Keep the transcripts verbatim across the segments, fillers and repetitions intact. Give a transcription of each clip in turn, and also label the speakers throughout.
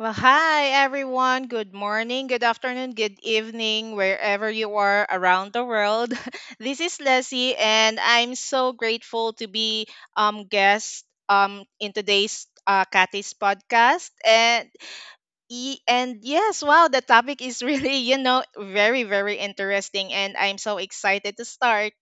Speaker 1: Well, hi everyone. Good morning, good afternoon, good evening, wherever you are around the world. This is Leslie, and I'm so grateful to be um guest um in today's uh, Kathy's podcast. And y- and yes, wow, the topic is really you know very very interesting, and I'm so excited to start.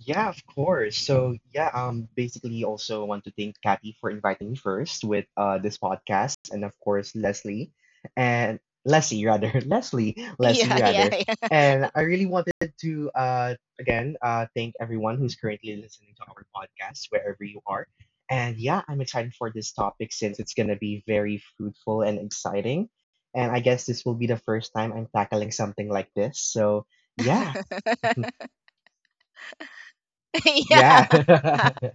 Speaker 2: Yeah, of course. So yeah, um, basically also want to thank Kathy for inviting me first with uh this podcast, and of course Leslie, and Leslie rather, Leslie, Leslie
Speaker 1: Yeah, yeah,
Speaker 2: rather,
Speaker 1: yeah.
Speaker 2: and I really wanted to uh again uh thank everyone who's currently listening to our podcast wherever you are, and yeah, I'm excited for this topic since it's gonna be very fruitful and exciting, and I guess this will be the first time I'm tackling something like this. So yeah,
Speaker 1: Yeah.
Speaker 2: yeah.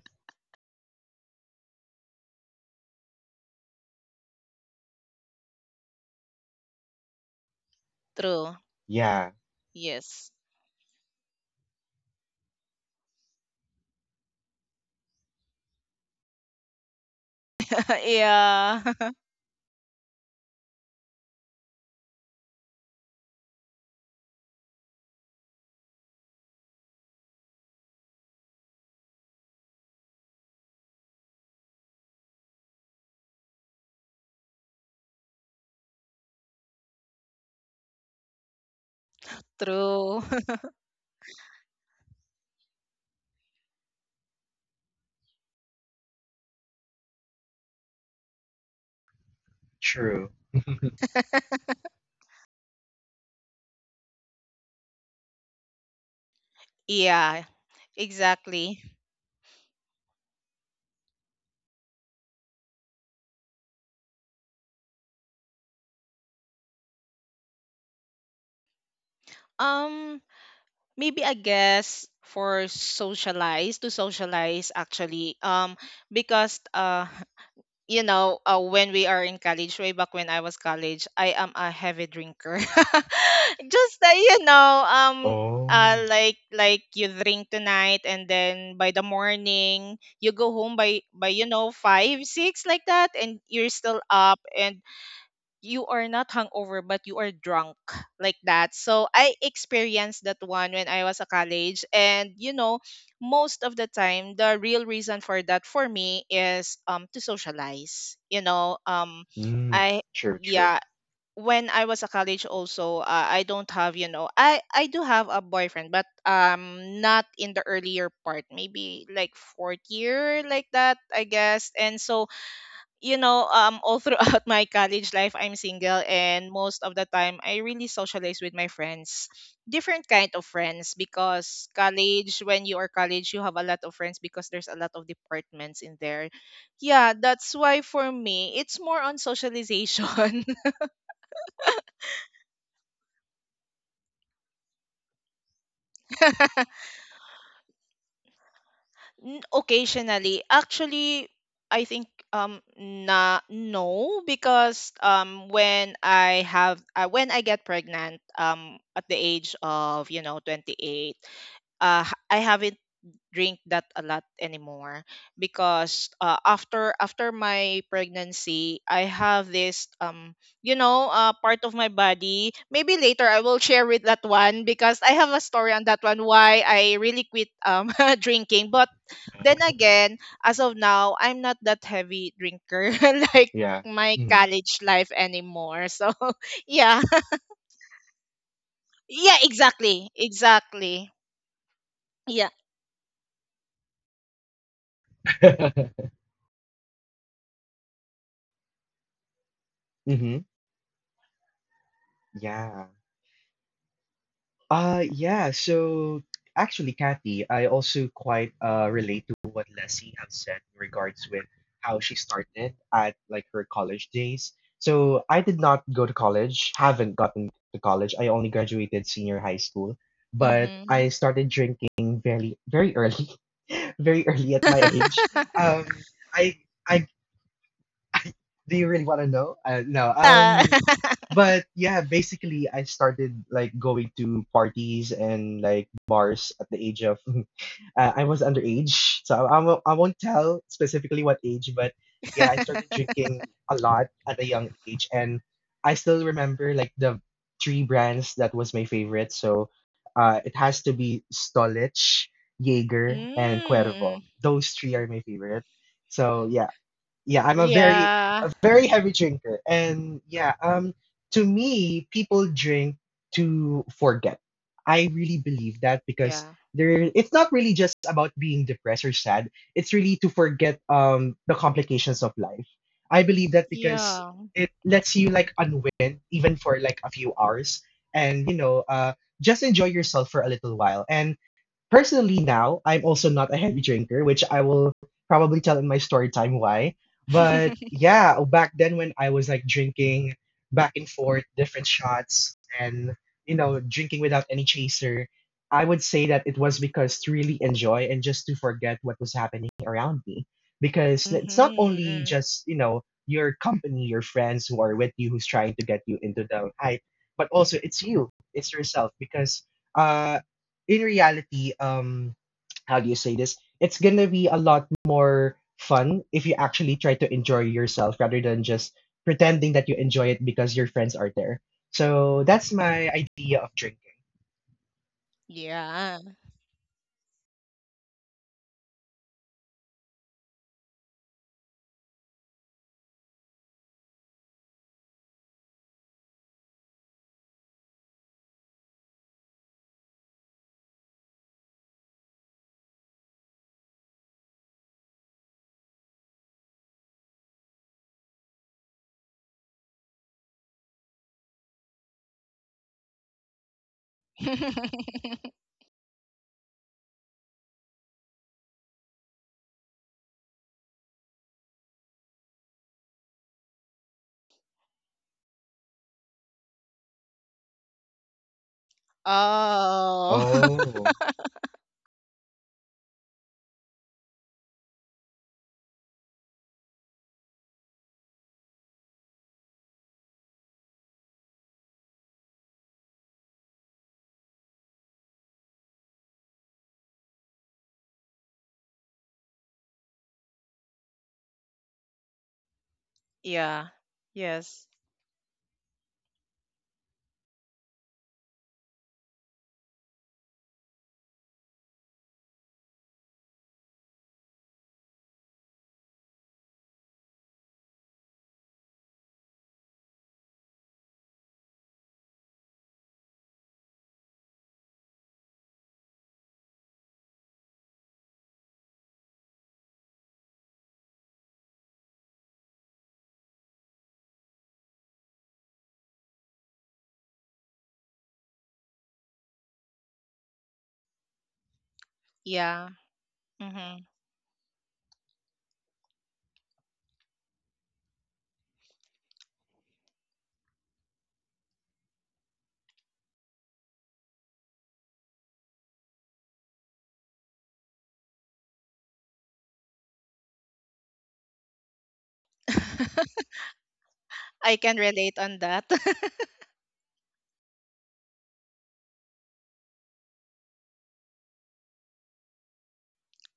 Speaker 1: True.
Speaker 2: Yeah,
Speaker 1: Yes. Yeah. True.
Speaker 2: true.
Speaker 1: Yeah, exactly. Um, Maybe I guess for socialize to socialize actually. Um, because uh, you know, uh, when we are in college, way back when I was college, I am a heavy drinker. Just that you know, um, uh,
Speaker 2: Oh,
Speaker 1: like like you drink tonight, and then by the morning you go home by by you know five six like that, and you're still up, and you are not hungover but you are drunk like that. So I experienced that one when I was a college, and you know most of the time, the real reason for that for me is um to socialize. You know um
Speaker 2: mm,
Speaker 1: I
Speaker 2: true, true.
Speaker 1: Yeah, when I was a college also, uh, I don't have you know I I do have a boyfriend, but um not in the earlier part, maybe like fourth year like that I guess. And so you know, um, all throughout my college life, I'm single, and most of the time, I really socialize with my friends, different kind of friends, because college, when you are college, you have a lot of friends because there's a lot of departments in there. Yeah, that's why for me, it's more on socialization. N- Occasionally, actually, I think um na no, because um when I have uh, when I get pregnant um at the age of you know twenty-eight, uh h- I haven't drink that a lot anymore, because uh, after after my pregnancy I have this um you know uh, part of my body, maybe later I will share with that one, because I have a story on that one why I really quit um drinking. But
Speaker 2: Oh.
Speaker 1: then again, as of now, I'm not that heavy drinker like
Speaker 2: Yeah.
Speaker 1: my
Speaker 2: Mm.
Speaker 1: college life anymore, so yeah, yeah, exactly, exactly. Yeah.
Speaker 2: hmm Yeah. Uh, yeah. So actually, Kathy, I also quite uh relate to what Leslie has said in regards with how she started at like her college days. So I did not go to college, haven't gotten to college. I only graduated senior high school, but
Speaker 1: Mhm.
Speaker 2: I started drinking very very early, very early at my age. Um, I I do you really want to know? Uh, no. Um, but yeah, basically, I started like going to parties and like bars at the age of uh, I was underage, so I, I won't- I won't tell specifically what age, but yeah, I started drinking a lot at a young age, and I still remember like the three brands that was my favorite. So, uh, it has to be Stolich, Jaeger, and
Speaker 1: Mm.
Speaker 2: Cuervo. Those three are my favorite. So yeah, yeah, I'm a very
Speaker 1: Yeah.
Speaker 2: a very heavy drinker. And yeah, um to me, people drink to forget. I really believe that because
Speaker 1: Yeah.
Speaker 2: there it's not really just about being depressed or sad. It's really to forget um the complications of life. I believe that because
Speaker 1: Yeah.
Speaker 2: it lets you like unwind even for like a few hours and you know uh just enjoy yourself for a little while. And personally now I'm also not a heavy drinker which I will probably tell in my story time why, but yeah, back then when I was like drinking back and forth different shots and you know drinking without any chaser, I would say that it was because to really enjoy and just to forget what was happening around me, because it's not only
Speaker 1: Hmm.
Speaker 2: just you know your company, your friends who are with you, who's trying to get you into the hype, but also it's you, it's yourself, because uh in reality, um, how do you say this? It's gonna be a lot more fun if you actually try to enjoy yourself rather than just pretending that you enjoy it because your friends are there. So that's my idea of drinking.
Speaker 1: Yeah. Oh.
Speaker 2: Oh,
Speaker 1: Yeah. Yes. Yeah. Hmm. I can relate on that.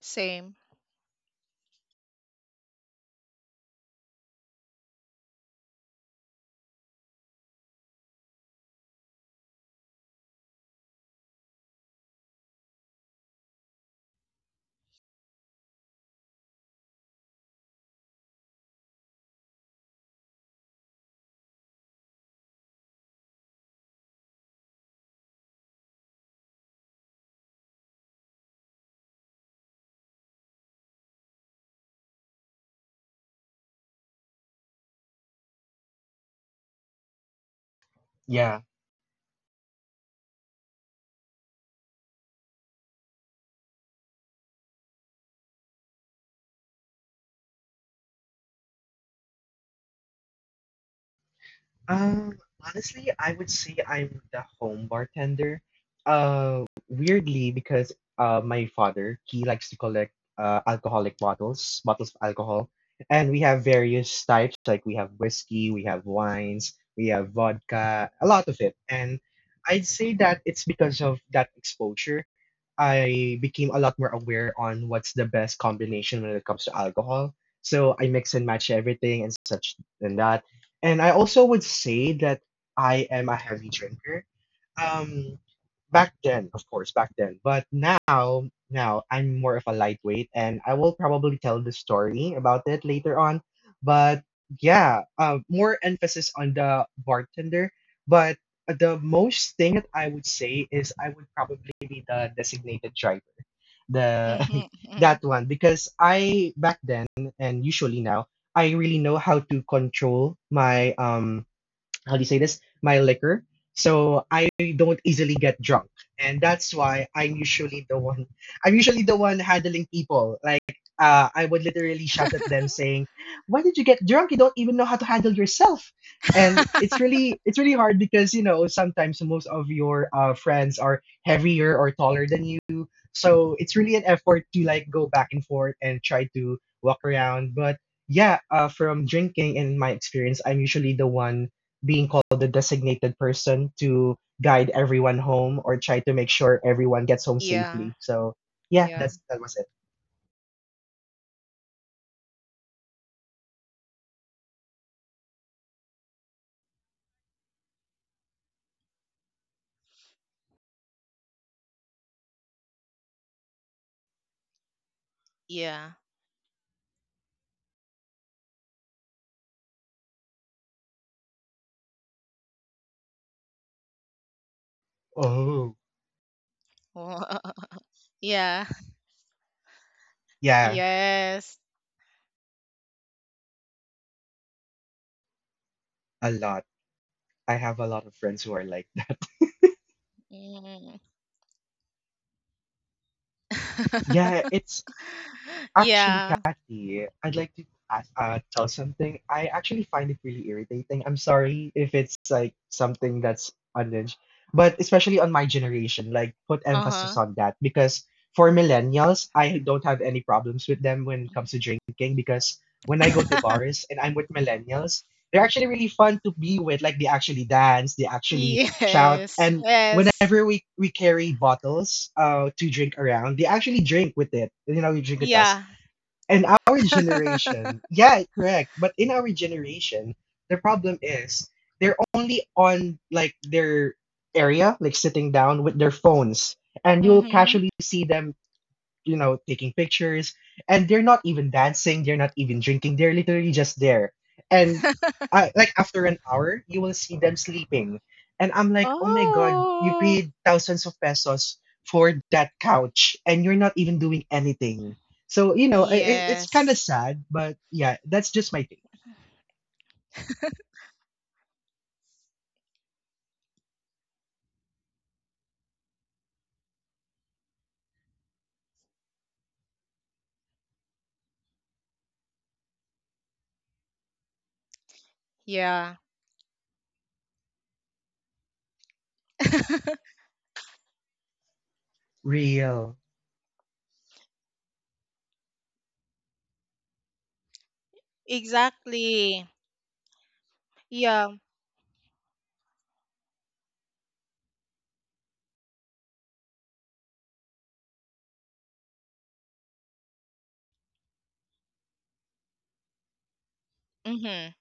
Speaker 1: Same.
Speaker 2: yeah. Um, honestly, I would say I'm the home bartender. Uh, weirdly, because uh, my father, he likes to collect uh, alcoholic bottles, bottles of alcohol, and we have various types. Like we have whiskey, we have wines, we have vodka, a lot of it. And I'd say that it's because of that exposure. I became a lot more aware on what's the best combination when it comes to alcohol. So I mix and match everything and such and that. And I also would say that I am a heavy drinker. Um, back then, of course, back then. But now, now I'm more of a lightweight, and I will probably tell the story about it later on. But yeah, uh, more emphasis on the bartender. But the most thing that I would say is I would probably be the designated driver, the
Speaker 1: Hmm.
Speaker 2: that one, because I back then and usually now I really know how to control my um how do you say this? My liquor. So I don't easily get drunk. And that's why I'm usually the one I'm usually the one handling people. Like uh, I would literally shout at them saying, "Why did you get drunk? You don't even know how to handle yourself." And it's really it's really hard because you know sometimes most of your uh, friends are heavier or taller than you. So it's really an effort to like go back and forth and try to walk around. But yeah, uh, from drinking and my experience, I'm usually the one being called the designated person to guide everyone home or try to make sure everyone gets home
Speaker 1: Yeah.
Speaker 2: safely. So yeah,
Speaker 1: Yeah.
Speaker 2: that's that was it.
Speaker 1: Yeah.
Speaker 2: Oh,
Speaker 1: Wo- yeah.
Speaker 2: yeah,
Speaker 1: Yes.
Speaker 2: a lot. I have a lot of friends who are like that.
Speaker 1: Mm.
Speaker 2: Yeah, it's actually,
Speaker 1: Yeah.
Speaker 2: Kathy, I'd like to ask, uh, tell something. I actually find it really irritating. I'm sorry if it's like something that's unhinged, but especially on my generation, like put
Speaker 1: Uh
Speaker 2: emphasis
Speaker 1: huh.
Speaker 2: on that, because for millennials, I don't have any problems with them when it comes to drinking, because when I go to bars and I'm with millennials, they're actually really fun to be with. Like they actually dance, they actually shout,
Speaker 1: Yes.
Speaker 2: and
Speaker 1: Yes.
Speaker 2: whenever we, we carry bottles uh to drink around, they actually drink with it. You know, you drink with us
Speaker 1: Yeah.
Speaker 2: in our generation, yeah, correct. But in our generation, the problem is they're only on like their area, like sitting down with their phones, and you'll
Speaker 1: Mhm.
Speaker 2: casually see them you know, taking pictures. And they're not even dancing, they're not even drinking, they're literally just there. And I, like after an hour, you will see them sleeping. And I'm like, oh my God, you
Speaker 1: Oh.
Speaker 2: paid thousands of pesos for that couch and you're not even doing anything. So, you know, it, it's kind of
Speaker 1: Yes.
Speaker 2: sad, but yeah, that's just my take.
Speaker 1: Yeah.
Speaker 2: Real.
Speaker 1: Exactly. Yeah. Mhm.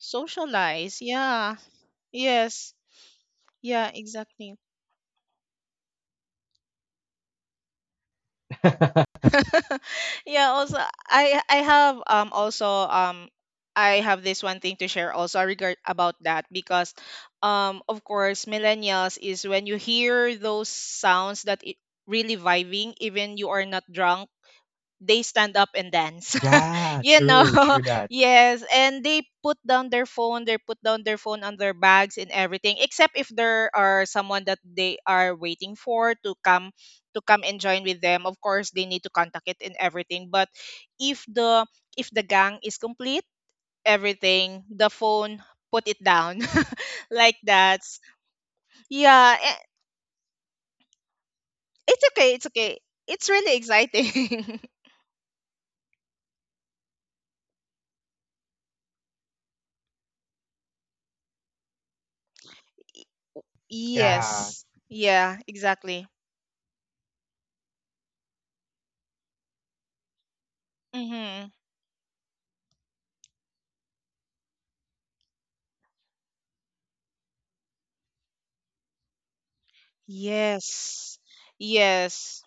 Speaker 1: Socialize. Yeah. Yes. Yeah, exactly. Yeah, also I I have um also um I have this one thing to share also regard about that, because um of course millennials is when you hear those sounds that it really vibing even you are not drunk, they stand up and dance.
Speaker 2: Yeah,
Speaker 1: you know
Speaker 2: true, true that.
Speaker 1: yes, and they put down their phone, they put down their phone on their bags and everything, except if there are someone that they are waiting for to come to come and join with them. Of course, they need to contact it and everything. But if the if the gang is complete everything, the phone put it down. Like that. Yeah, eh, it's okay, it's okay, it's really exciting.
Speaker 2: Yeah,
Speaker 1: Yes, yeah, exactly. Mm-hmm. Yes. Yes.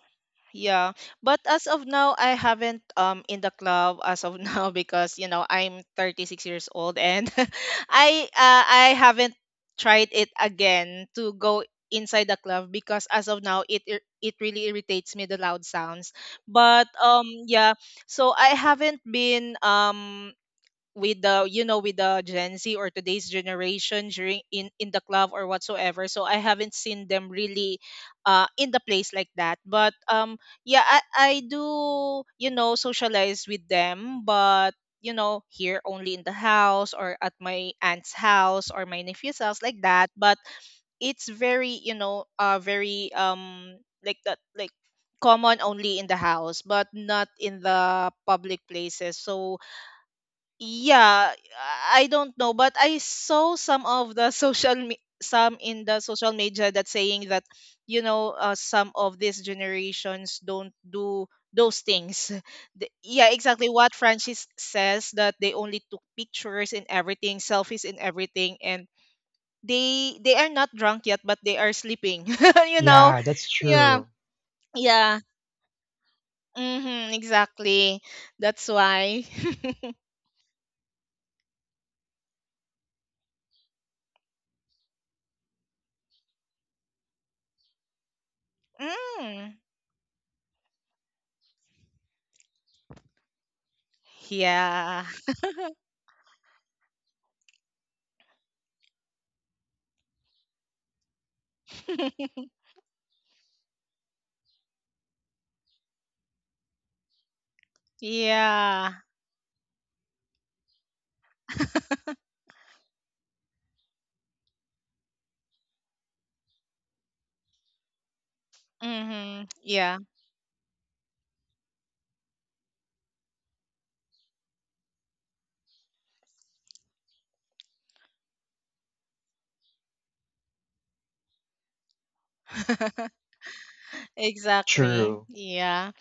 Speaker 1: Yeah. But as of now, I haven't um in the club as of now, because you know I'm thirty-six years old, and I uh, I haven't tried it again to go inside the club, because as of now it ir- it really irritates me the loud sounds. But um yeah, so I haven't been um with the you know with the Gen Z or today's generation during in in the club or whatsoever. So I haven't seen them really uh in the place like that. But um yeah, I I do you know socialize with them, but you know here only in the house or at my aunt's house or my nephew's house like that. But it's very you know uh very um like that, like common only in the house but not in the public places. So yeah, I don't know, but I saw some of the social me- some in the social media that saying that you know uh, some of these generations don't do those things. The- yeah, exactly what Francis says, that they only took pictures and everything, selfies and everything, and they they are not drunk yet but they are sleeping. you know
Speaker 2: yeah, that's
Speaker 1: yeah,
Speaker 2: true,
Speaker 1: yeah. Hmm. Exactly, that's why mm, yeah. Yeah. Mm-hmm. Yeah. Exactly.
Speaker 2: true.
Speaker 1: Yeah.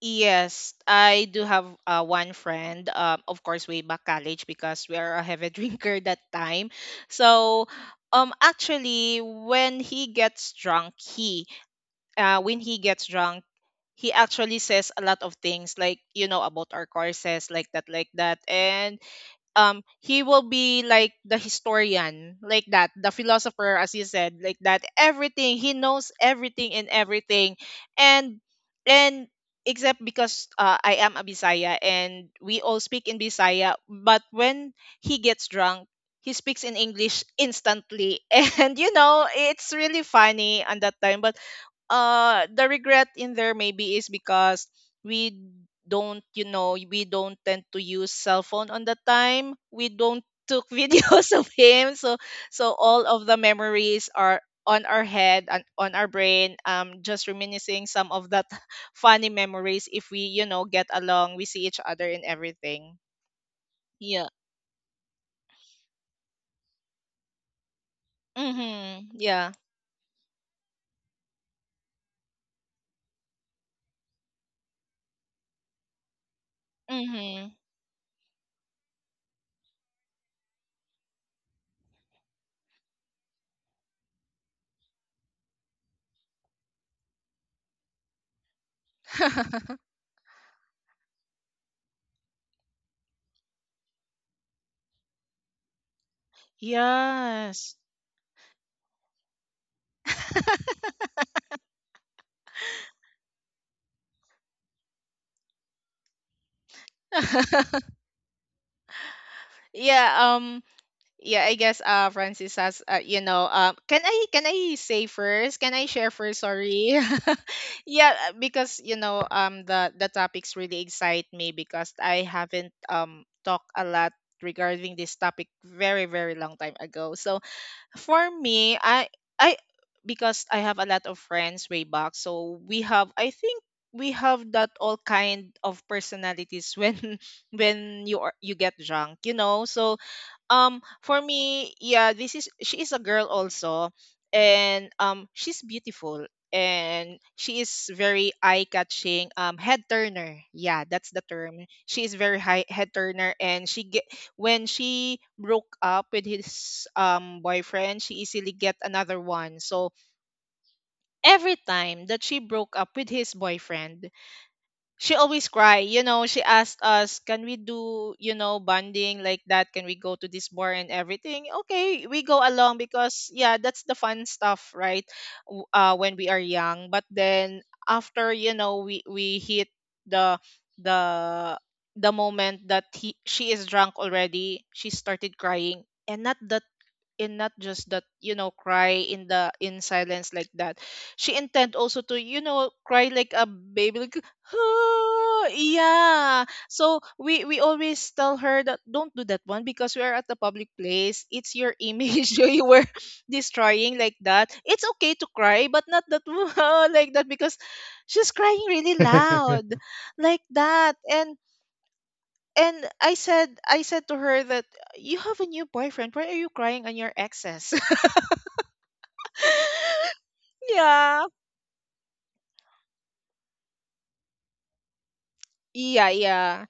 Speaker 1: Yes, I do have uh, one friend. Um, of course, way back college, because we are a heavy drinker that time. So, um, actually, when he gets drunk, he uh, when he gets drunk, he actually says a lot of things, like you know about our courses, like that, like that, and um he will be like the historian like that, the philosopher as you said like that, everything, he knows everything and everything and and except, because uh, I am a Bisaya and we all speak in Bisaya, but when he gets drunk he speaks in English instantly. And you know it's really funny on that time. But uh the regret in there maybe is because we don't you know we don't tend to use cell phone on the time, we don't took videos of him. So so all of the memories are on our head and on our brain, um just reminiscing some of that funny memories if we you know get along, we see each other and everything. Yeah. Mhm. Yeah. Mhm. Yes. Yeah. Um yeah, I guess uh Francis has uh, you know um can i can i say first, can i share first, sorry. Yeah, uh, because you know um the the topics really excite me, because I haven't um talked a lot regarding this topic very very long time ago. So for me, I I because I have a lot of friends way back, so we have, I think we have that all kind of personalities when when you are you get drunk, you know so um, for me, yeah, this is, she is a girl also, and um, she's beautiful and she is very eye-catching. Um, head turner, yeah, that's the term. She is very high head turner, and she get when she broke up with his um boyfriend, she easily get another one. So every time that she broke up with his boyfriend, she always cry. You know she asked us, can we do you know bonding like that, can we go to this bar and everything. Okay, we go along, because yeah, that's the fun stuff, right? W- uh, when we are young. But then after you know we we hit the the the moment that he, she is drunk already, she started crying. And not the, and not just that, you know cry in the in silence like that, she intend also to you know cry like a baby like "Ah," yeah. So we we always tell her that don't do that one, because we are at the public place, it's your image you were destroying like that. It's okay to cry, but not that like that, because she's crying really loud like that. And and I said I said to her that you have a new boyfriend, why are you crying on your exes? Yeah. Yeah, yeah.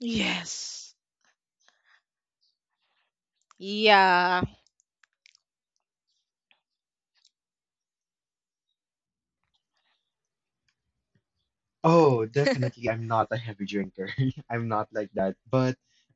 Speaker 1: Yes. Yeah.
Speaker 2: Oh, definitely. I'm not a heavy drinker. I'm not like that. But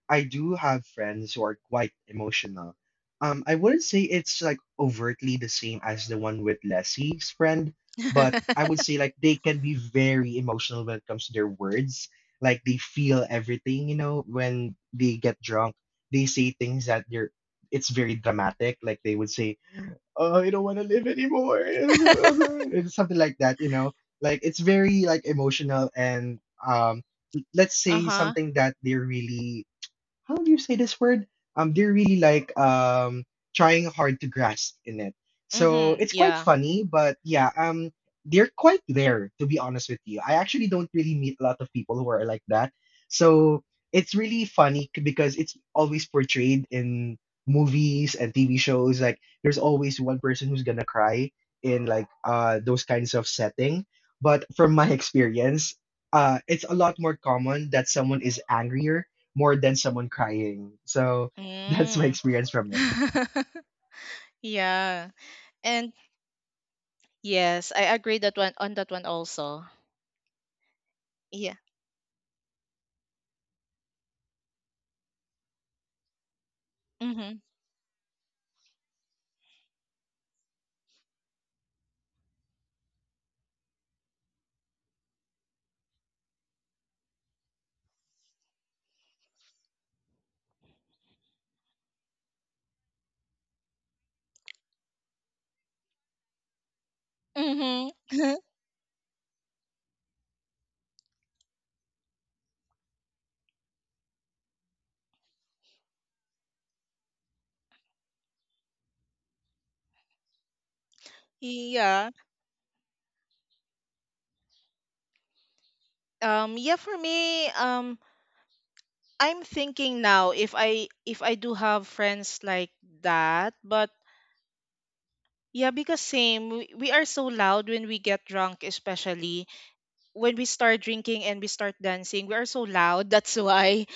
Speaker 2: I do have friends who are quite emotional. Um, I wouldn't say it's like overtly the same as the one with Leslie's friend, but I would say like they can be very emotional when it comes to their words. Like they feel everything, you know, when they get drunk, they say things that they're it's very dramatic. Like they would say, "Oh, I don't want to live anymore." It's something like that, you know. Like it's very like emotional and um let's say
Speaker 1: Uh-huh.
Speaker 2: something that they really how do you say this word? Um, they're really like um trying hard to grasp in it. So
Speaker 1: Mm-hmm.
Speaker 2: it's quite
Speaker 1: Yeah.
Speaker 2: funny, but yeah, um, they're quite there, to be honest with you. I actually don't really meet a lot of people who are like that. So it's really funny c- because it's always portrayed in movies and T V shows. Like there's always one person who's gonna cry in like uh those kinds of setting. But from my experience, uh, it's a lot more common that someone is angrier more than someone crying. So that's my
Speaker 1: Mm.
Speaker 2: experience from it.
Speaker 1: Yeah. And yes, I agree that one, on that one also. Yeah. Mm-hmm. Mm-hmm. Yeah. Um yeah, for me, um I'm thinking now if I if I do have friends like that, but yeah, because same, we, we are so loud when we get drunk, especially when we start drinking and we start dancing, we are so loud. That's why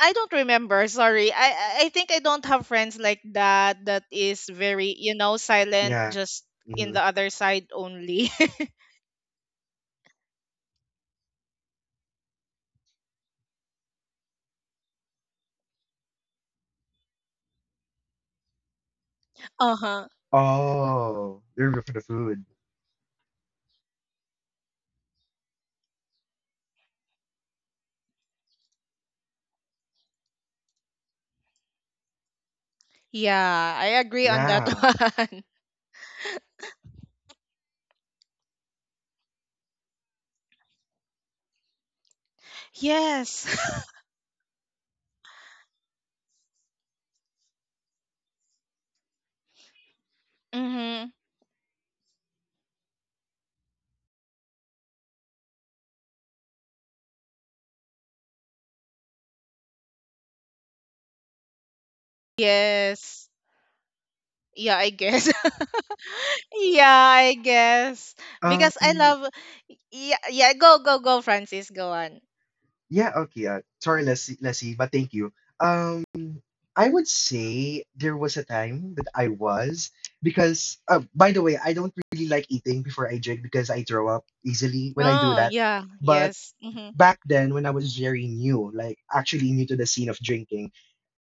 Speaker 1: I don't remember. Sorry, I I I think I don't have friends like that, that is very you know silent,
Speaker 2: Yeah.
Speaker 1: just in
Speaker 2: hmm
Speaker 1: the other side only. uh huh.
Speaker 2: Oh, you're good for the food.
Speaker 1: Yeah, I agree on that
Speaker 2: Yeah.
Speaker 1: one. Yes. Mm-hmm. Yes. Yeah, I guess. Yeah, I guess because I
Speaker 2: Um.
Speaker 1: love. Yeah, yeah. Go, go, go, Francis. Go on.
Speaker 2: Yeah. Okay. Uh, sorry, Lassie, Lassie, but thank you. Um. I would say there was a time that I was because uh, by the way, I don't really like eating before I drink because I throw up easily when I do
Speaker 1: Oh,
Speaker 2: that.
Speaker 1: yeah.
Speaker 2: But
Speaker 1: Yes. Mm-hmm.
Speaker 2: back then when I was very new, like actually new to the scene of drinking,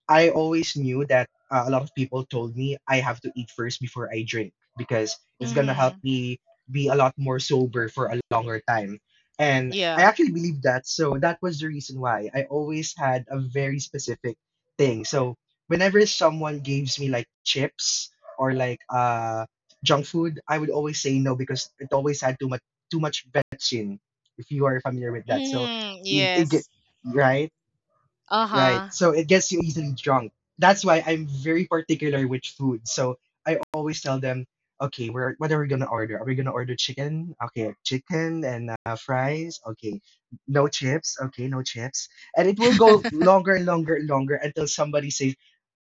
Speaker 2: I always knew that uh, a lot of people told me I have to eat first before I drink because it's gonna help
Speaker 1: Mm-hmm.
Speaker 2: me be a lot more sober for a longer time. And I
Speaker 1: Yeah.
Speaker 2: actually believe that. So that was the reason why I always had a very specific thing. So whenever someone gives me like chips or like uh junk food, I would always say no because it always had too much too much betchin, if you are familiar with that. So
Speaker 1: Mm,
Speaker 2: it, it get
Speaker 1: yes.
Speaker 2: right. Right.
Speaker 1: Uh-huh.
Speaker 2: So it gets you easily drunk. That's why I'm very particular with food. So I always tell them, "Okay, we're what are we gonna order? Are we gonna order chicken? Okay, chicken and uh, fries. Okay, no chips. Okay, no chips." And it will go longer and longer and longer until somebody says,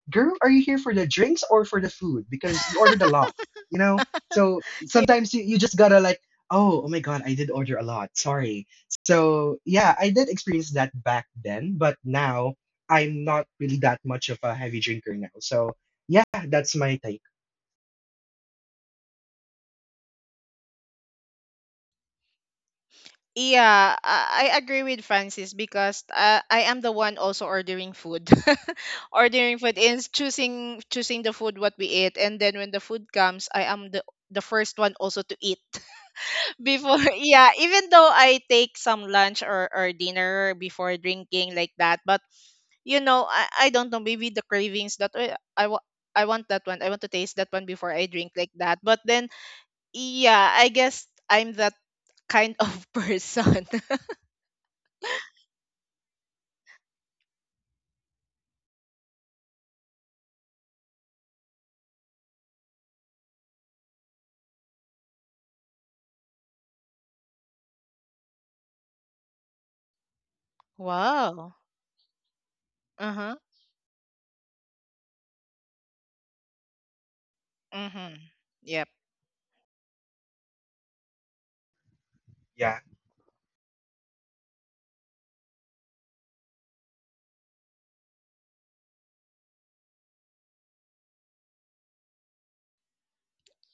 Speaker 2: "Girl, are you here for the drinks or for the food? Because you ordered a lot, you know?" So
Speaker 1: Ye-
Speaker 2: sometimes you, you just gotta like, "Oh, oh my God, I did order a lot. Sorry." So yeah, I did experience that back then, but now I'm not really that much of a heavy drinker now. So yeah, that's my take.
Speaker 1: Yeah, I I agree with Francis, because uh, I am the one also ordering food. Ordering food is choosing choosing the food what we eat, and then when the food comes, I am the the first one also to eat. Before, yeah, even though I take some lunch or or dinner before drinking like that, but you know, I, I don't know, maybe the cravings that, "Uy, I want I want that one, I want to taste that one before I drink like that." But then yeah, I guess I'm that kind of person. Wow. Uh-huh. Mm-hmm. Yep.
Speaker 2: Yeah,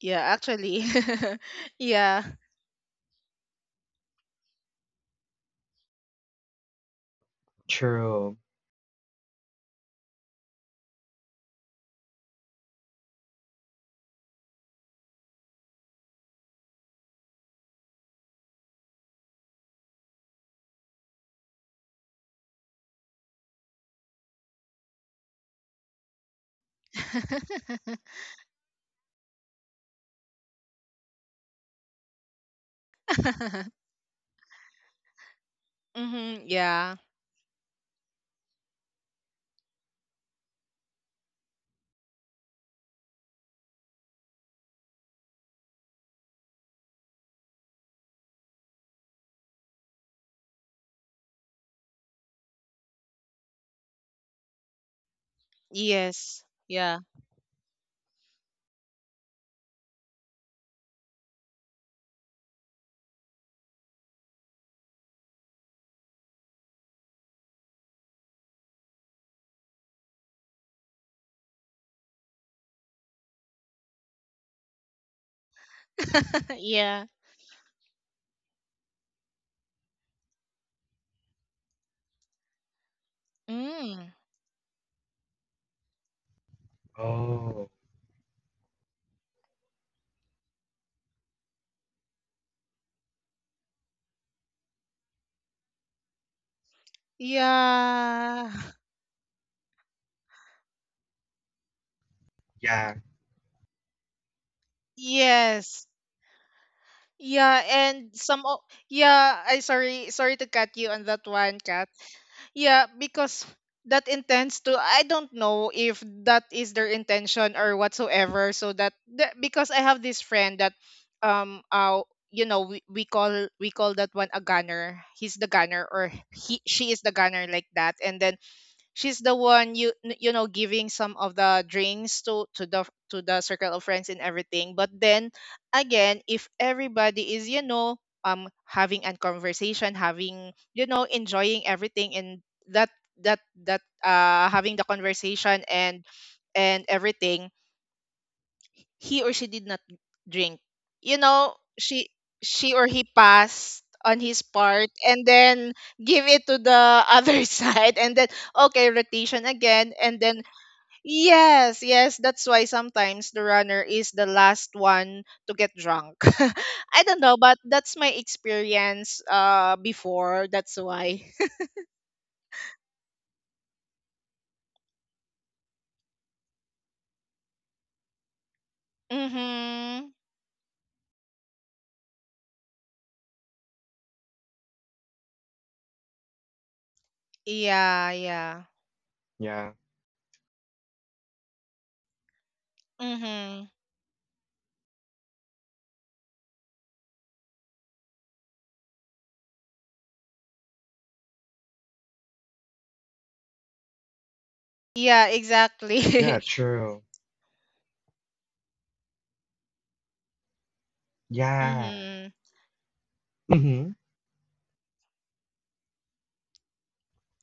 Speaker 1: Yeah, actually. Yeah.
Speaker 2: true.
Speaker 1: Mm-hmm. Yeah. Yes. Yeah. Yeah. Mm.
Speaker 2: Oh,
Speaker 1: Yeah.
Speaker 2: yeah,
Speaker 1: Yes. Yeah, and some o- yeah, I sorry sorry to cut you on that one, Kat. Yeah, because that intends to, I don't know if that is their intention or whatsoever. So that, that because I have this friend that um uh you know we, we call we call that one a gunner. He's the gunner, or he, she is the gunner like that. And then she's the one, you you know giving some of the drinks to to the to the circle of friends and everything. But then again, if everybody is you know um having a conversation, having you know enjoying everything, and that that that uh having the conversation and and everything, he or she did not drink. You know, she she or he passed on his part and then give it to the other side, and then okay, rotation again, and then yes, yes, that's why sometimes the runner is the last one to get drunk. I don't know, but that's my experience uh before, that's why. Mhm. Yeah, yeah.
Speaker 2: yeah,
Speaker 1: Mhm. Yeah, exactly.
Speaker 2: yeah, true. Yeah.
Speaker 1: Mhm.
Speaker 2: Mm-hmm.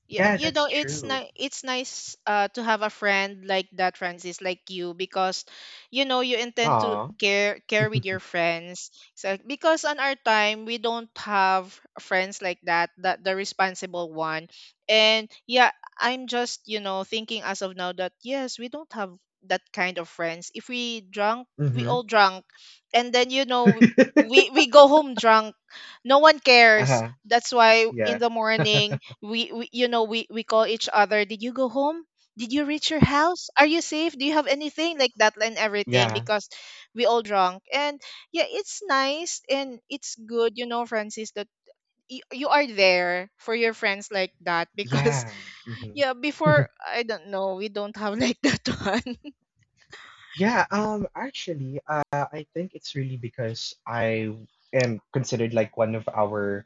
Speaker 1: Yeah,
Speaker 2: Yeah,
Speaker 1: you know,
Speaker 2: that's
Speaker 1: it's
Speaker 2: true.
Speaker 1: ni- it's nice uh to have a friend like that, Francis, like you, because you know you intend to
Speaker 2: Aw.
Speaker 1: care care with your friends. So because on our time we don't have friends like that, that the responsible one. And yeah, I'm just, you know, thinking as of now that yes, we don't have that kind of friends. If we drunk, we
Speaker 2: Mm-hmm.
Speaker 1: all drunk. And then you know we we go home drunk. No one cares.
Speaker 2: uh-huh.
Speaker 1: That's why in
Speaker 2: Yeah.
Speaker 1: the morning we, we you know we, we call each other, did you go home, did you reach your house, are you safe, do you have anything like that and everything,
Speaker 2: Yeah.
Speaker 1: because we all drunk. And yeah, it's nice and it's good, you know Francis, that y- you are there for your friends like that, because
Speaker 2: Yeah.
Speaker 1: yeah,
Speaker 2: hmm
Speaker 1: before I don't know, we don't have like that one.
Speaker 2: Yeah, um, actually, uh, I think it's really because I am considered like one of our,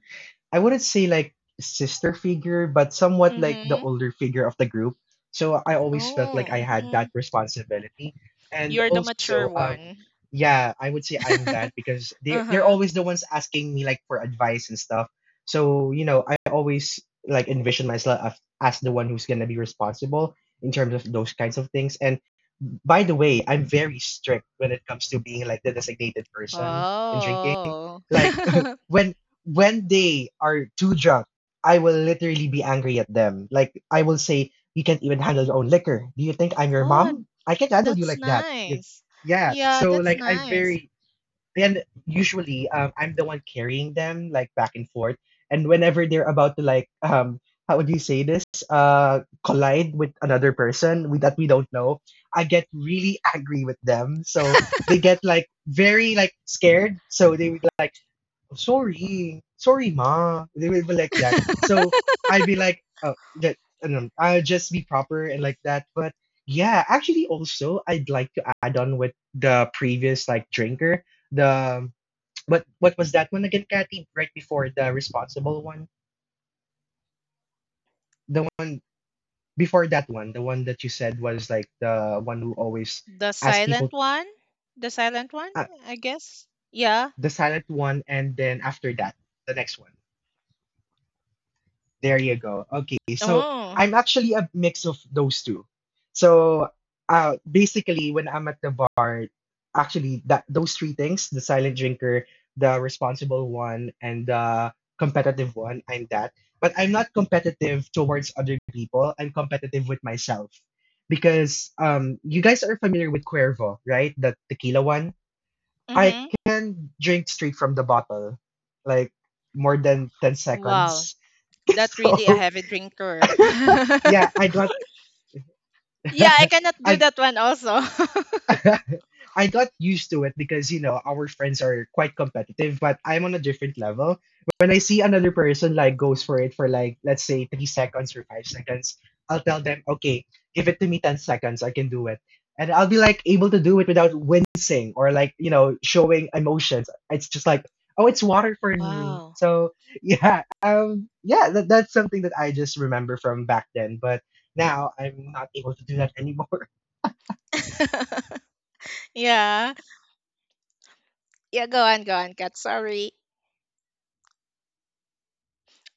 Speaker 2: I wouldn't say like sister figure, but somewhat like the
Speaker 1: Mm-hmm.
Speaker 2: older figure of the group. So I always felt like I
Speaker 1: Oh.
Speaker 2: had
Speaker 1: Hmm,
Speaker 2: that responsibility. And
Speaker 1: you're the
Speaker 2: also,
Speaker 1: mature
Speaker 2: um,
Speaker 1: one.
Speaker 2: yeah, I would say I'm that because they they're
Speaker 1: Uh-huh.
Speaker 2: always the ones asking me like for advice and stuff. So, you know, I always like envision myself as as the one who's gonna be responsible in terms of those kinds of things. And by the way, I'm very strict when it comes to being like the designated person in drinking.
Speaker 1: Oh.
Speaker 2: Like when when they are too drunk, I will literally be angry at them. Like I will say, "You can't even handle your own liquor. Do you think I'm your
Speaker 1: Oh.
Speaker 2: mom? I can't handle you
Speaker 1: That's
Speaker 2: like that." If-
Speaker 1: nice.
Speaker 2: Yeah.
Speaker 1: Yeah,
Speaker 2: So
Speaker 1: that's
Speaker 2: like I'm
Speaker 1: nice.
Speaker 2: very then usually um, I'm the one carrying them like back and forth. And whenever they're about to like um how would you say this uh collide with another person we, that we don't know, I get really angry with them. So they get like very like scared. So they would like sorry, sorry, ma. They will be like that. So I'd be like, oh, that I don't know, I'll just be proper and like that. But yeah, actually, also, I'd like to add on with the previous like drinker. The but what was that one again, Kathy? Right before the responsible one, the one before that one, the one that you said was like the one who always
Speaker 1: The
Speaker 2: asked people,
Speaker 1: silent one? The silent one,
Speaker 2: uh,
Speaker 1: I guess. Yeah.
Speaker 2: the silent one, and then after that, the next one. There you go. Okay, so
Speaker 1: Oh.
Speaker 2: I'm actually a mix of those two. So uh, basically, when I'm at the bar, actually that those three things: the silent drinker, the responsible one, and the competitive one. I'm that, but I'm not competitive towards other people. I'm competitive with myself because um, you guys are familiar with Cuervo, right? The tequila one. I
Speaker 1: Mm-hmm.
Speaker 2: can drink straight from the bottle, like more than ten
Speaker 1: Wow.
Speaker 2: seconds.
Speaker 1: That really a
Speaker 2: So
Speaker 1: heavy drinker.
Speaker 2: yeah, I got
Speaker 1: Yeah, I cannot do
Speaker 2: I
Speaker 1: that one also.
Speaker 2: I got used to it because you know our friends are quite competitive, but I'm on a different level. When I see another person like goes for it for like let's say three seconds or five seconds, I'll tell them, okay, give it to me ten seconds, I can do it, and I'll be like able to do it without wincing or like you know showing emotions. It's just like oh, it's water for me.
Speaker 1: Wow.
Speaker 2: So yeah, um, yeah, that, that's something that I just remember from back then, but now I'm not able to do that anymore.
Speaker 1: Yeah. Yeah, go on, go on, Kat. Sorry.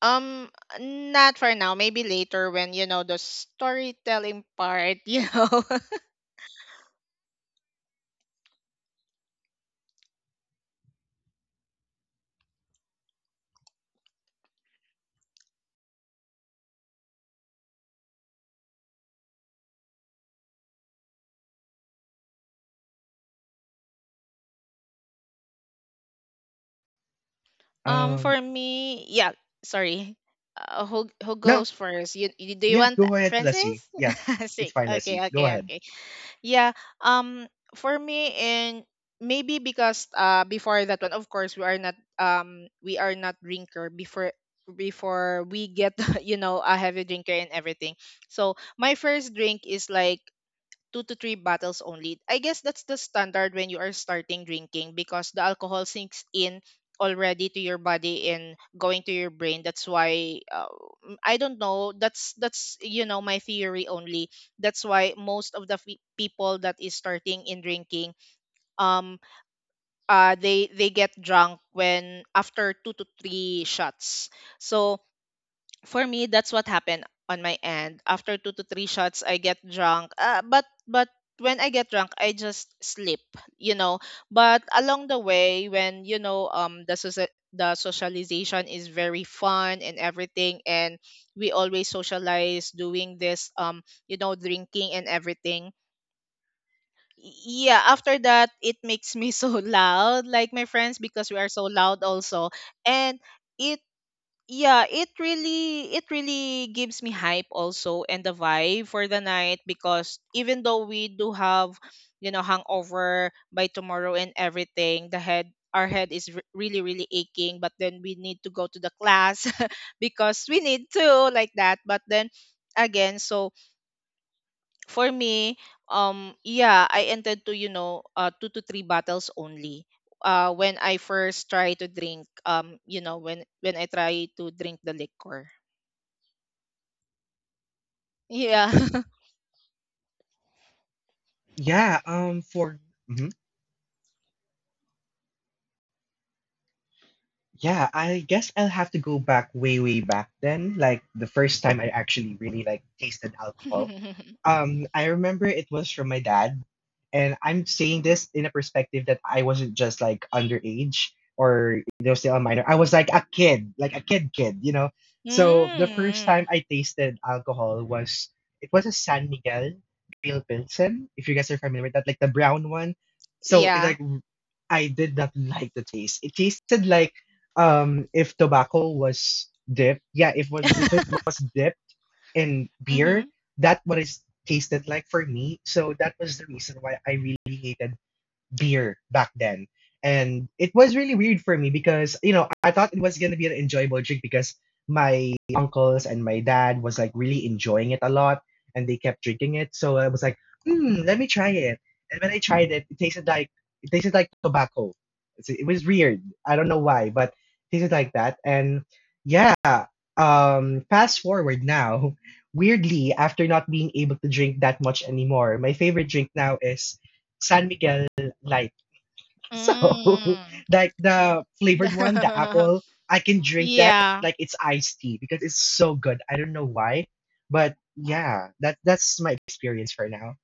Speaker 1: Um, Not for now. Maybe later when, you know, the storytelling part, you know. Um, for
Speaker 2: Um,
Speaker 1: me, yeah. Sorry. Uh, who who
Speaker 2: no,
Speaker 1: goes first? You, you do you
Speaker 2: Yeah,
Speaker 1: want,
Speaker 2: go ahead,
Speaker 1: Francis?
Speaker 2: Leslie. Yeah, it's
Speaker 1: Sick.
Speaker 2: fine,
Speaker 1: Okay,
Speaker 2: Leslie. Go
Speaker 1: okay,
Speaker 2: ahead.
Speaker 1: okay. Yeah. Um, for me, and maybe because uh before that one, of course, we are not um we are not drinker before before we get you know a heavy drinker and everything. So my first drink is like two to three bottles only. I guess that's the standard when you are starting drinking, because the alcohol sinks in already to your body and going to your brain. That's why uh, m- I don't know. That's that's you know my theory only. That's why most of the fe- people that is starting in drinking, um, uh, they they get drunk when after two to three shots. So for me, that's what happened on my end. After two to three shots, I get drunk, uh, but but when I get drunk, I just sleep. You know but along the way, when you know um the socia- the socialization is very fun and everything, and we always socialize doing this um you know drinking and everything, yeah, after that, it makes me so loud like my friends, because we are so loud also. And it yeah, it really it really gives me hype also and the vibe for the night. Because even though we do have you know hangover by tomorrow and everything, the head our head is re- really really aching, but then we need to go to the class because we need to, like that. But then again, so for me, um, yeah, I entered to you know uh, two to three bottles only. Uh, when I first try to drink, um, you know, when when I try to drink the liquor, yeah,
Speaker 2: Yeah, um, for mhm. Yeah, I guess I'll have to go back way, way back then. Like the first time I actually really like tasted alcohol. Um, I remember it was from my dad, and I'm saying this in a perspective that I wasn't just like underage or you know still a minor. I was like a kid, like a kid, kid, you know. So the first time
Speaker 1: mm,
Speaker 2: I tasted alcohol was it was a San Miguel Pale Pilsen, if you guys are familiar with that, like the brown one. So it's
Speaker 1: yeah,
Speaker 2: like I did not like the taste. It tasted like um if tobacco was dipped yeah if was if it was dipped in
Speaker 1: mm-hmm.
Speaker 2: beer that what it tasted like for me. So that was the reason why I really hated beer back then. And it was really weird for me because, you know, I thought it was going to be an enjoyable drink because my uncles and my dad was like really enjoying it a lot and they kept drinking it. So I was like, hmm, let me try it. And when I tried it, it tasted like it tasted like tobacco. It's, it was weird. I don't know why, but it tasted like that. And yeah, um, fast forward now, weirdly, after not being able to drink that much anymore, my favorite drink now is San Miguel like so
Speaker 1: Mm.
Speaker 2: like the flavored one, the apple. I can drink that
Speaker 1: Yeah,
Speaker 2: like it's iced tea because it's so good. I don't know why, but yeah, that that's my experience for now.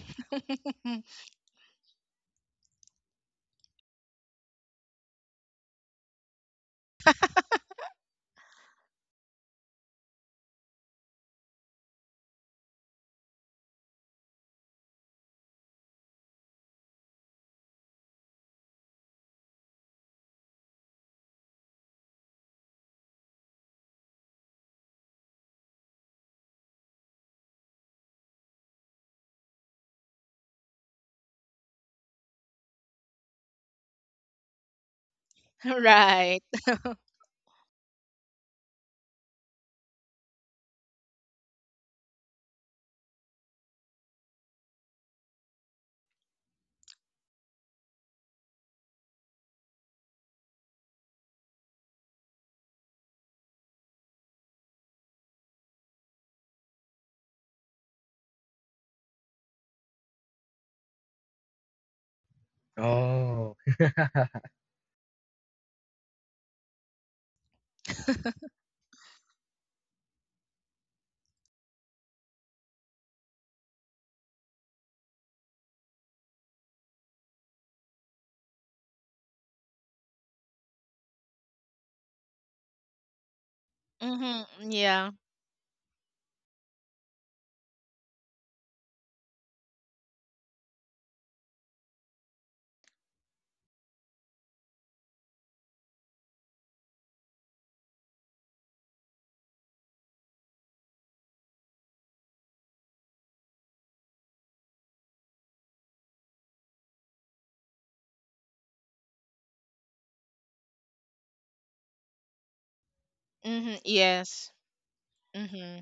Speaker 1: right,
Speaker 2: Oh
Speaker 1: mm-hmm. Yeah, mm-hmm. Yes, mm-hmm.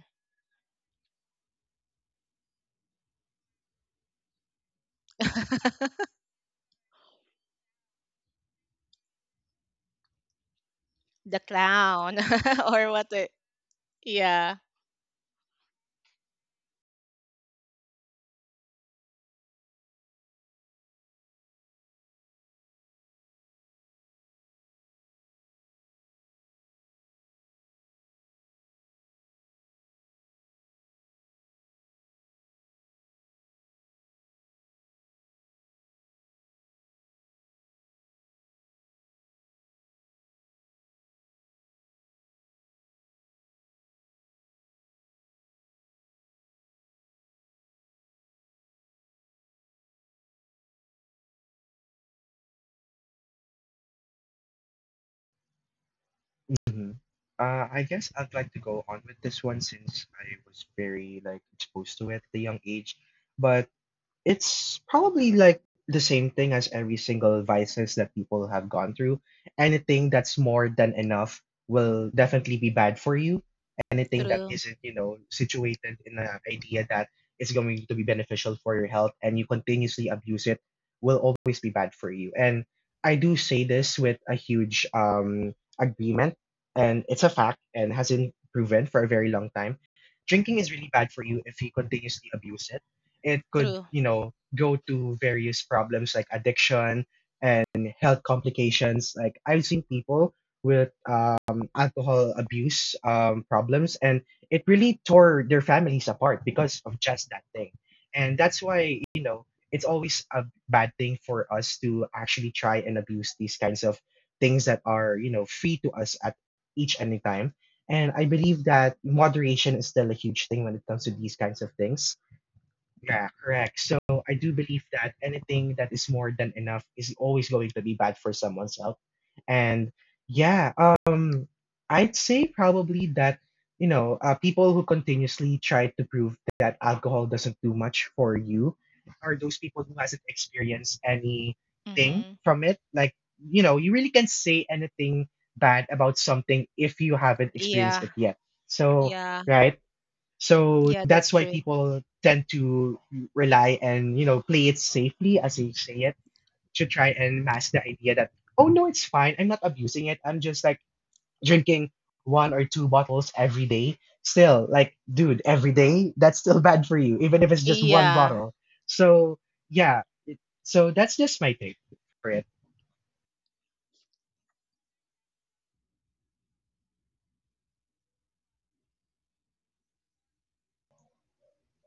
Speaker 1: The clown or what? The, yeah.
Speaker 2: Mhm. Uh, I guess I'd like to go on with this one since I was very like exposed to it at a young age but it's probably like the same thing as every single vices that people have gone through. Anything that's more than enough will definitely be bad for you. Anything that
Speaker 1: True,
Speaker 2: isn't, you know, situated in an idea that is going to be beneficial for your health and you continuously abuse it will always be bad for you. And I do say this with a huge um agreement, and it's a fact and hasn't proven for a very long time. Drinking is really bad for you if you continuously abuse it. It could,
Speaker 1: true.
Speaker 2: you know, go to various problems like addiction and health complications. Like I've seen people with um, alcohol abuse um, problems, and it really tore their families apart because of just that thing. And that's why, you know, it's always a bad thing for us to actually try and abuse these kinds of things that are, you know, free to us at each any time. And I believe that moderation is still a huge thing when it comes to these kinds of things. Yeah, correct. So I do believe that anything that is more than enough is always going to be bad for someone's health. And yeah, um, I'd say probably that, you know, uh, people who continuously try to prove that alcohol doesn't do much for you are those people who hasn't experienced anything
Speaker 1: Mm-hmm.
Speaker 2: from it. Like, you know, you really can't say anything bad about something if you haven't experienced
Speaker 1: Yeah,
Speaker 2: it yet. So,
Speaker 1: yeah,
Speaker 2: right? So
Speaker 1: yeah, that's
Speaker 2: that's why
Speaker 1: true.
Speaker 2: people tend to rely and you know play it safely, as they say it, to try and mask the idea that oh no, it's fine. I'm not abusing it. I'm just like drinking one or two bottles every day. Still, like dude, every day that's still bad for you, even if it's just one
Speaker 1: Yeah.
Speaker 2: bottle. So yeah, it, so that's just my take for it.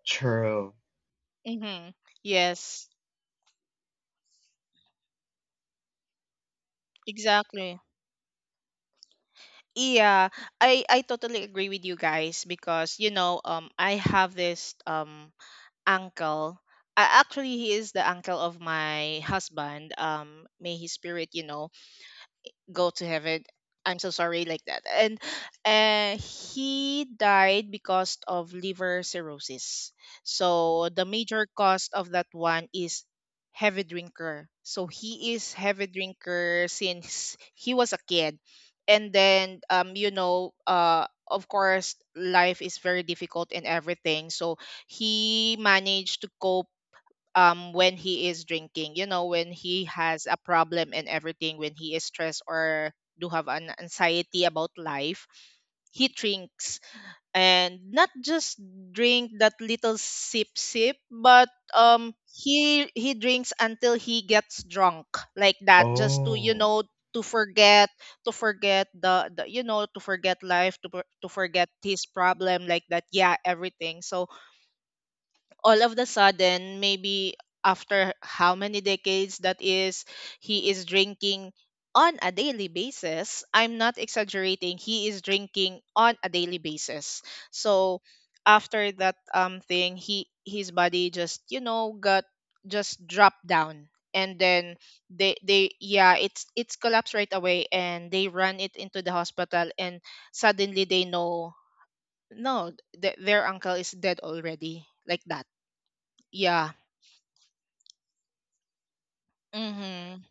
Speaker 2: True.
Speaker 1: Mm-hmm. Yes, exactly. Yeah, I I totally agree with you guys, because you know um I have this um uncle. Uh, actually, he is the uncle of my husband. Um, may his spirit, you know, go to heaven. I'm so sorry, like that. And uh, he died because of liver cirrhosis. So the major cause of that one is heavy drinker. So he is heavy drinker since he was a kid. And then um, you know, uh of course, life is very difficult and everything. So he managed to cope um when he is drinking. You know when he has a problem and everything, when he is stressed or do have an anxiety about life, he drinks. And not just drink that little sip sip, but um he he drinks until he gets drunk like that, just to you
Speaker 2: Oh,
Speaker 1: know to forget to forget the, the you know to forget life, to, for- to forget his problem like that, yeah, everything. So all of the sudden, maybe after how many decades that is, he is drinking on a daily basis. I'm not exaggerating. He is drinking on a daily basis. So after that um thing, he his body just you know got just dropped down, and then they they yeah, it's it's collapsed right away, and they run it into the hospital, and suddenly they know, no, th- their uncle is dead already like that. Yeah. Mhm.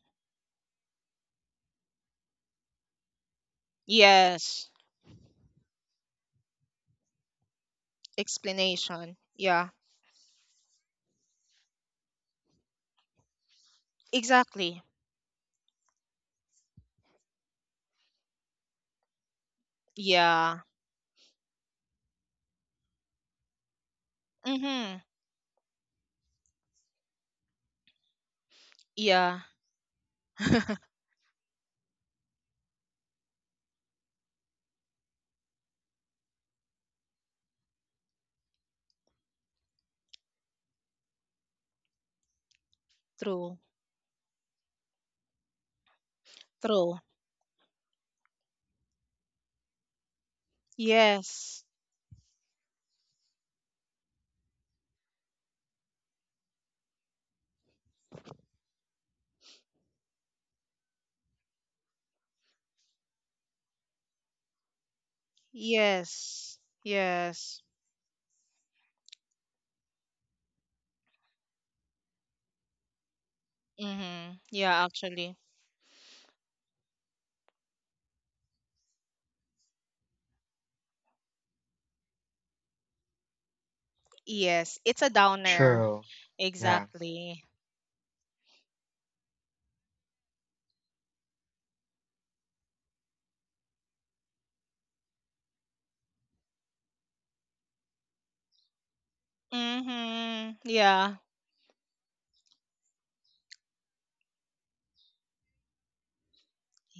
Speaker 1: Yes. Explanation. Yeah. Exactly. Yeah. Mhm. Yeah. True. True. Yes. Yes. Yes. Mhm. Yeah, actually. Yes. It's a downer.
Speaker 2: true. Yeah.
Speaker 1: Exactly. Mhm. Yeah.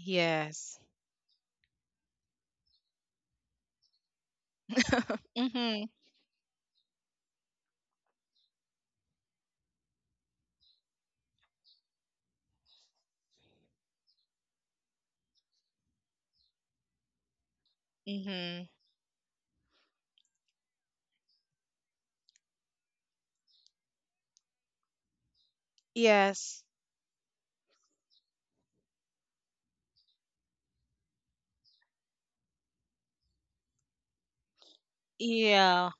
Speaker 1: Yes. Mhm. Mhm. Yes. Yeah.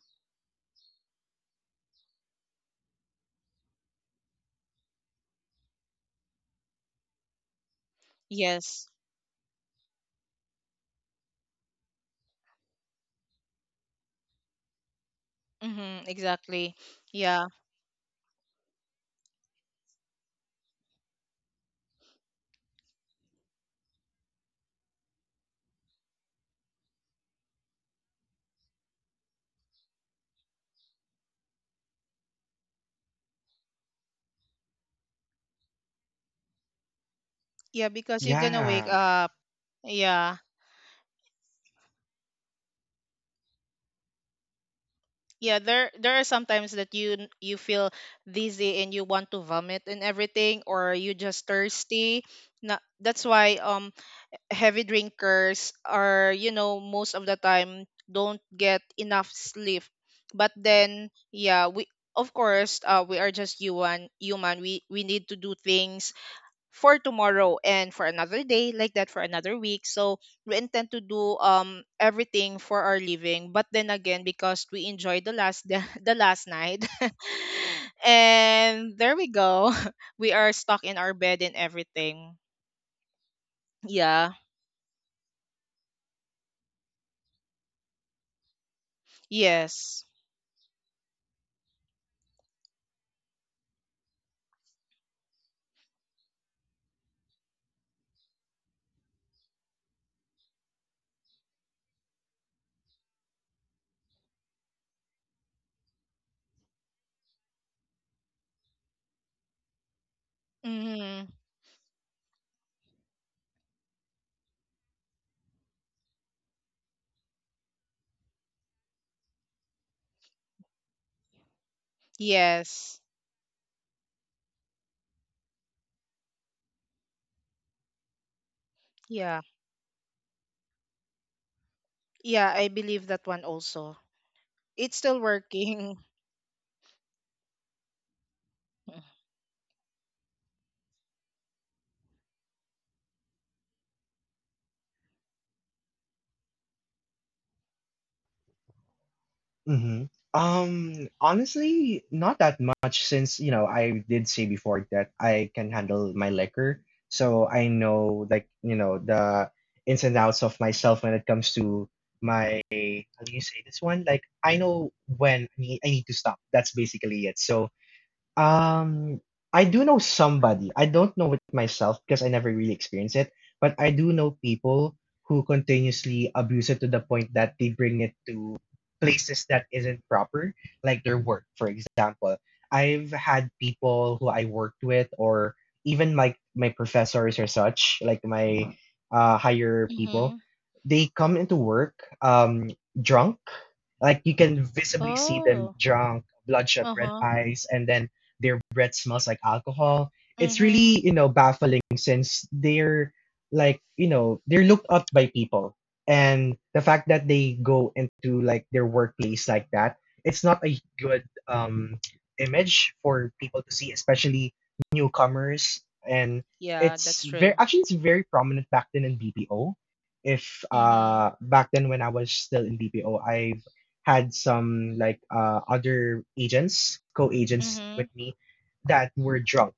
Speaker 1: Yes. Mhm. Exactly. Yeah. Yeah, because you're gonna wake
Speaker 2: Yeah.
Speaker 1: up. Yeah. Yeah, there there are sometimes that you n- you feel dizzy and you want to vomit and everything, or you just thirsty. Na, that's why um heavy drinkers are, you know, most of the time, don't get enough sleep. But then, yeah, we, of course, uh we are just human, human. We we need to do things for tomorrow and for another day, like that, for another week, so we intend to do um everything for our living. But then again, because we enjoyed the last the, the last night and there we go, we are stuck in our bed and everything. Yeah, yes, mm-hmm. Yes, yeah, yeah, I believe that one also, it's still working.
Speaker 2: Mhm. Um, honestly, not that much since, you know, I did say before that I can handle my liquor. So I know like, you know, the ins and outs of myself when it comes to my, how do you say this one? Like I know when I need, I need to stop. That's basically it. So um, I do know somebody. I don't know it myself because I never really experienced it, but I do know people who continuously abuse it to the point that they bring it to places that isn't proper, like their work, for example. I've had people who I worked with or even like my professors or such, like my uh higher people,
Speaker 1: Mm-hmm.
Speaker 2: they come into work um drunk. Like you can visibly see them
Speaker 1: Oh,
Speaker 2: drunk, bloodshot red
Speaker 1: uh-huh,
Speaker 2: eyes, and then their breath smells like alcohol. It's
Speaker 1: mm-hmm.
Speaker 2: really, you know, baffling since they're like, you know, they're looked up by people. And the fact that they go into like their workplace like that, it's not a good um image for people to see, especially newcomers. And
Speaker 1: Yeah, that's
Speaker 2: it's very
Speaker 1: true.
Speaker 2: actually it's very prominent back then in B P O. If
Speaker 1: Mm-hmm.
Speaker 2: uh back then when I was still in B P O, I've had some like uh, other agents, co-agents
Speaker 1: Mm-hmm.
Speaker 2: with me that were drunk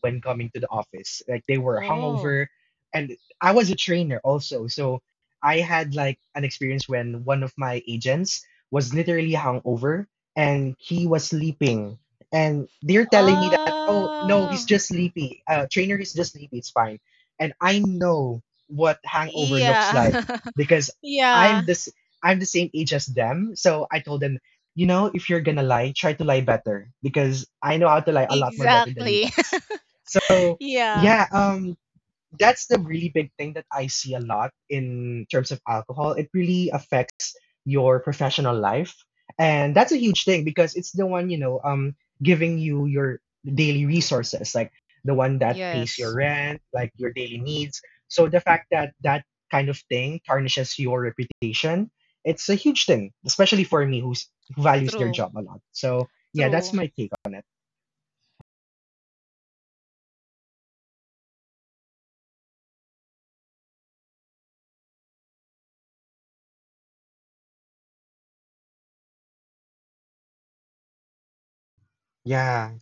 Speaker 2: when coming to the office. Like they were
Speaker 1: Oh.
Speaker 2: hungover, and I was a trainer also, so I had like an experience when one of my agents was literally hungover and he was sleeping, and they're telling me that oh no, he's
Speaker 1: Oh.
Speaker 2: just sleepy. Uh, trainer, he's just sleepy. It's fine, and I know what hangover looks
Speaker 1: Yeah.
Speaker 2: like because
Speaker 1: Yeah.
Speaker 2: I'm this I'm the same age as them, so I told them you know, if you're gonna lie, try to lie better because I know how to lie a lot more better than you
Speaker 1: Exactly.
Speaker 2: guys. So
Speaker 1: Yeah.
Speaker 2: yeah, um, that's the really big thing that I see a lot in terms of alcohol. It really affects your professional life, and that's a huge thing because it's the one you know, um, giving you your daily resources, like the one that pays your
Speaker 1: Yes.
Speaker 2: rent, like your daily needs. So the fact that that kind of thing tarnishes your reputation, it's a huge thing, especially for me who's, who values their
Speaker 1: True.
Speaker 2: job a lot. So yeah, that's
Speaker 1: True.
Speaker 2: my take on it. Yeah,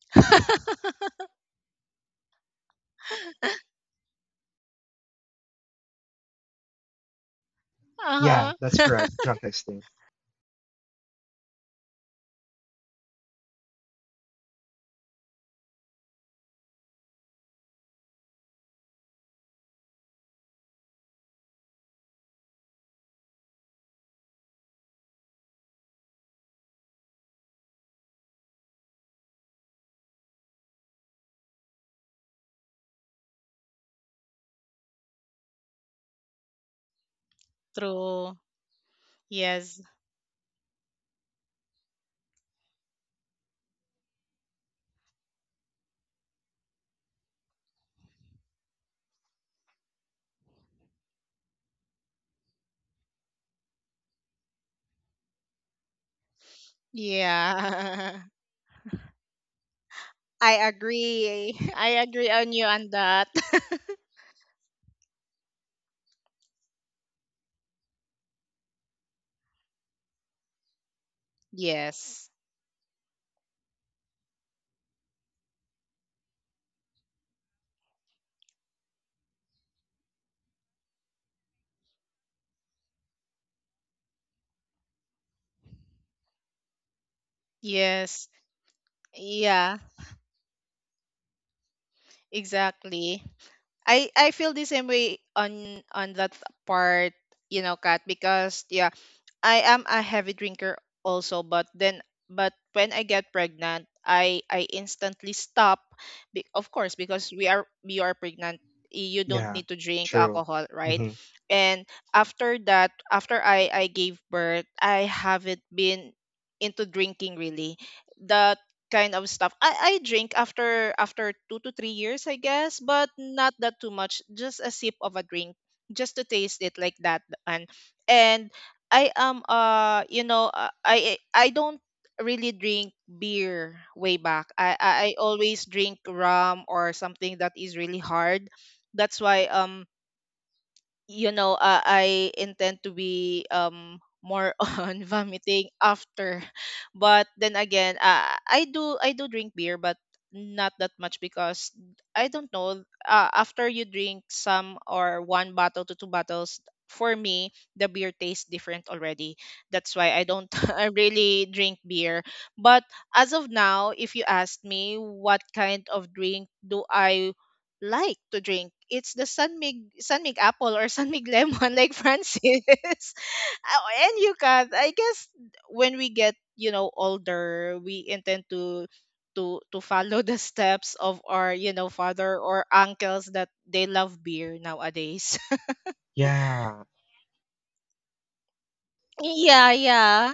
Speaker 2: yeah,
Speaker 1: Uh-huh.
Speaker 2: that's correct. Drunk texting.
Speaker 1: True. Yes. Yeah. I agree. I agree on you on that. Yes. Yes. Yeah, exactly. I I feel the same way on on that part, you know, Kat, because yeah, I am a heavy drinker also, but then but when I get pregnant, I I instantly stop. Be, of course, because we are we are pregnant, y- you don't
Speaker 2: Yeah,
Speaker 1: need to drink
Speaker 2: true.
Speaker 1: alcohol, right?
Speaker 2: Hmm.
Speaker 1: And after that, after I I gave birth, I haven't been into drinking really. That kind of stuff. I I drink after after two to three years, I guess, but not that too much, just a sip of a drink just to taste it like that. And and I am uh you know uh, I I I don't really drink beer way back. I I I always drink rum or something that is really hard. That's why um you know, uh, I intend to be um more on vomiting after. But then again, uh, I do I do drink beer, but not that much because I don't know. Uh, after you drink some, or one bottle to two bottles, for me the beer tastes different already. That's why I don't I really drink beer. But as of now, if you ask me what kind of drink do I like to drink, it's the Sanmig Sanmig apple or Sanmig lemon, like Francis. Ah, and you can, I guess when we get, you know, older, we intend to to to follow the steps of our, you know, father or uncles that they love beer nowadays.
Speaker 2: Yeah.
Speaker 1: Yeah, yeah.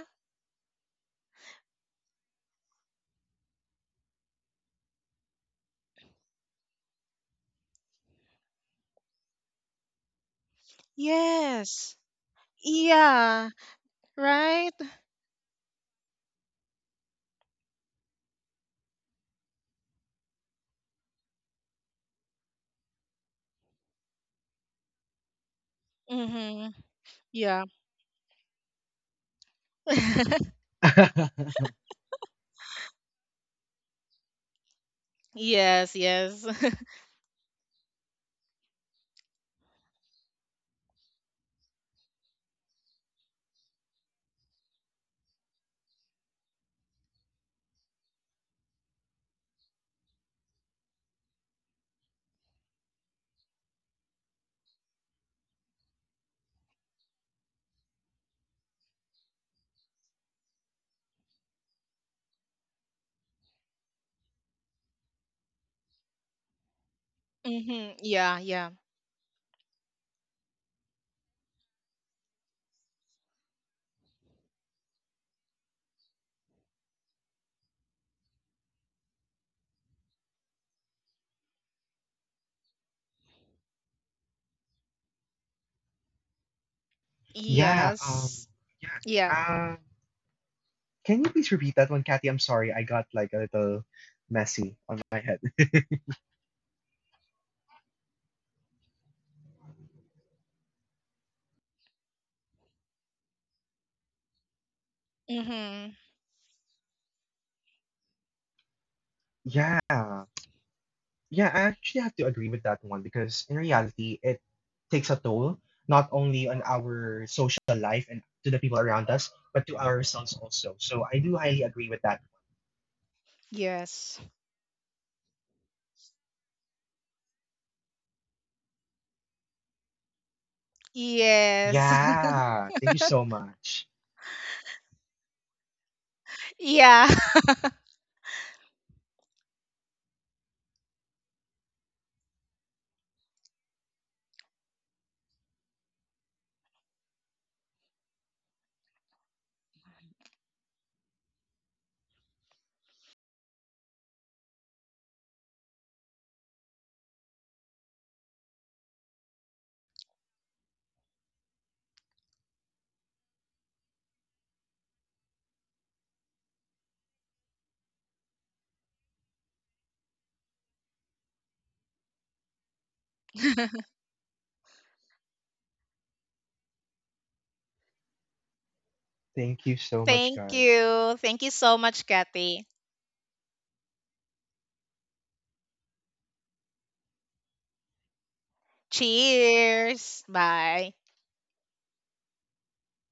Speaker 1: Yes. Yeah, right? Mhm. Yeah. Yes, yes. Mhm. Yeah, yeah.
Speaker 2: Yeah, um,
Speaker 1: Yes.
Speaker 2: yeah.
Speaker 1: Yeah.
Speaker 2: Uh. can you please repeat that one, Kathy? I'm sorry, I got like a little messy on my head.
Speaker 1: Mm-hmm.
Speaker 2: Yeah. Yeah, I actually have to agree with that one because in reality, it takes a toll not only on our social life and to the people around us, but to ourselves also. So I do highly agree with that.
Speaker 1: Yes. Yes.
Speaker 2: Yeah. Thank you so much.
Speaker 1: Yeah.
Speaker 2: Thank you so much,
Speaker 1: Thank
Speaker 2: guys.
Speaker 1: you. Thank you so much, Kathy. Cheers. Bye.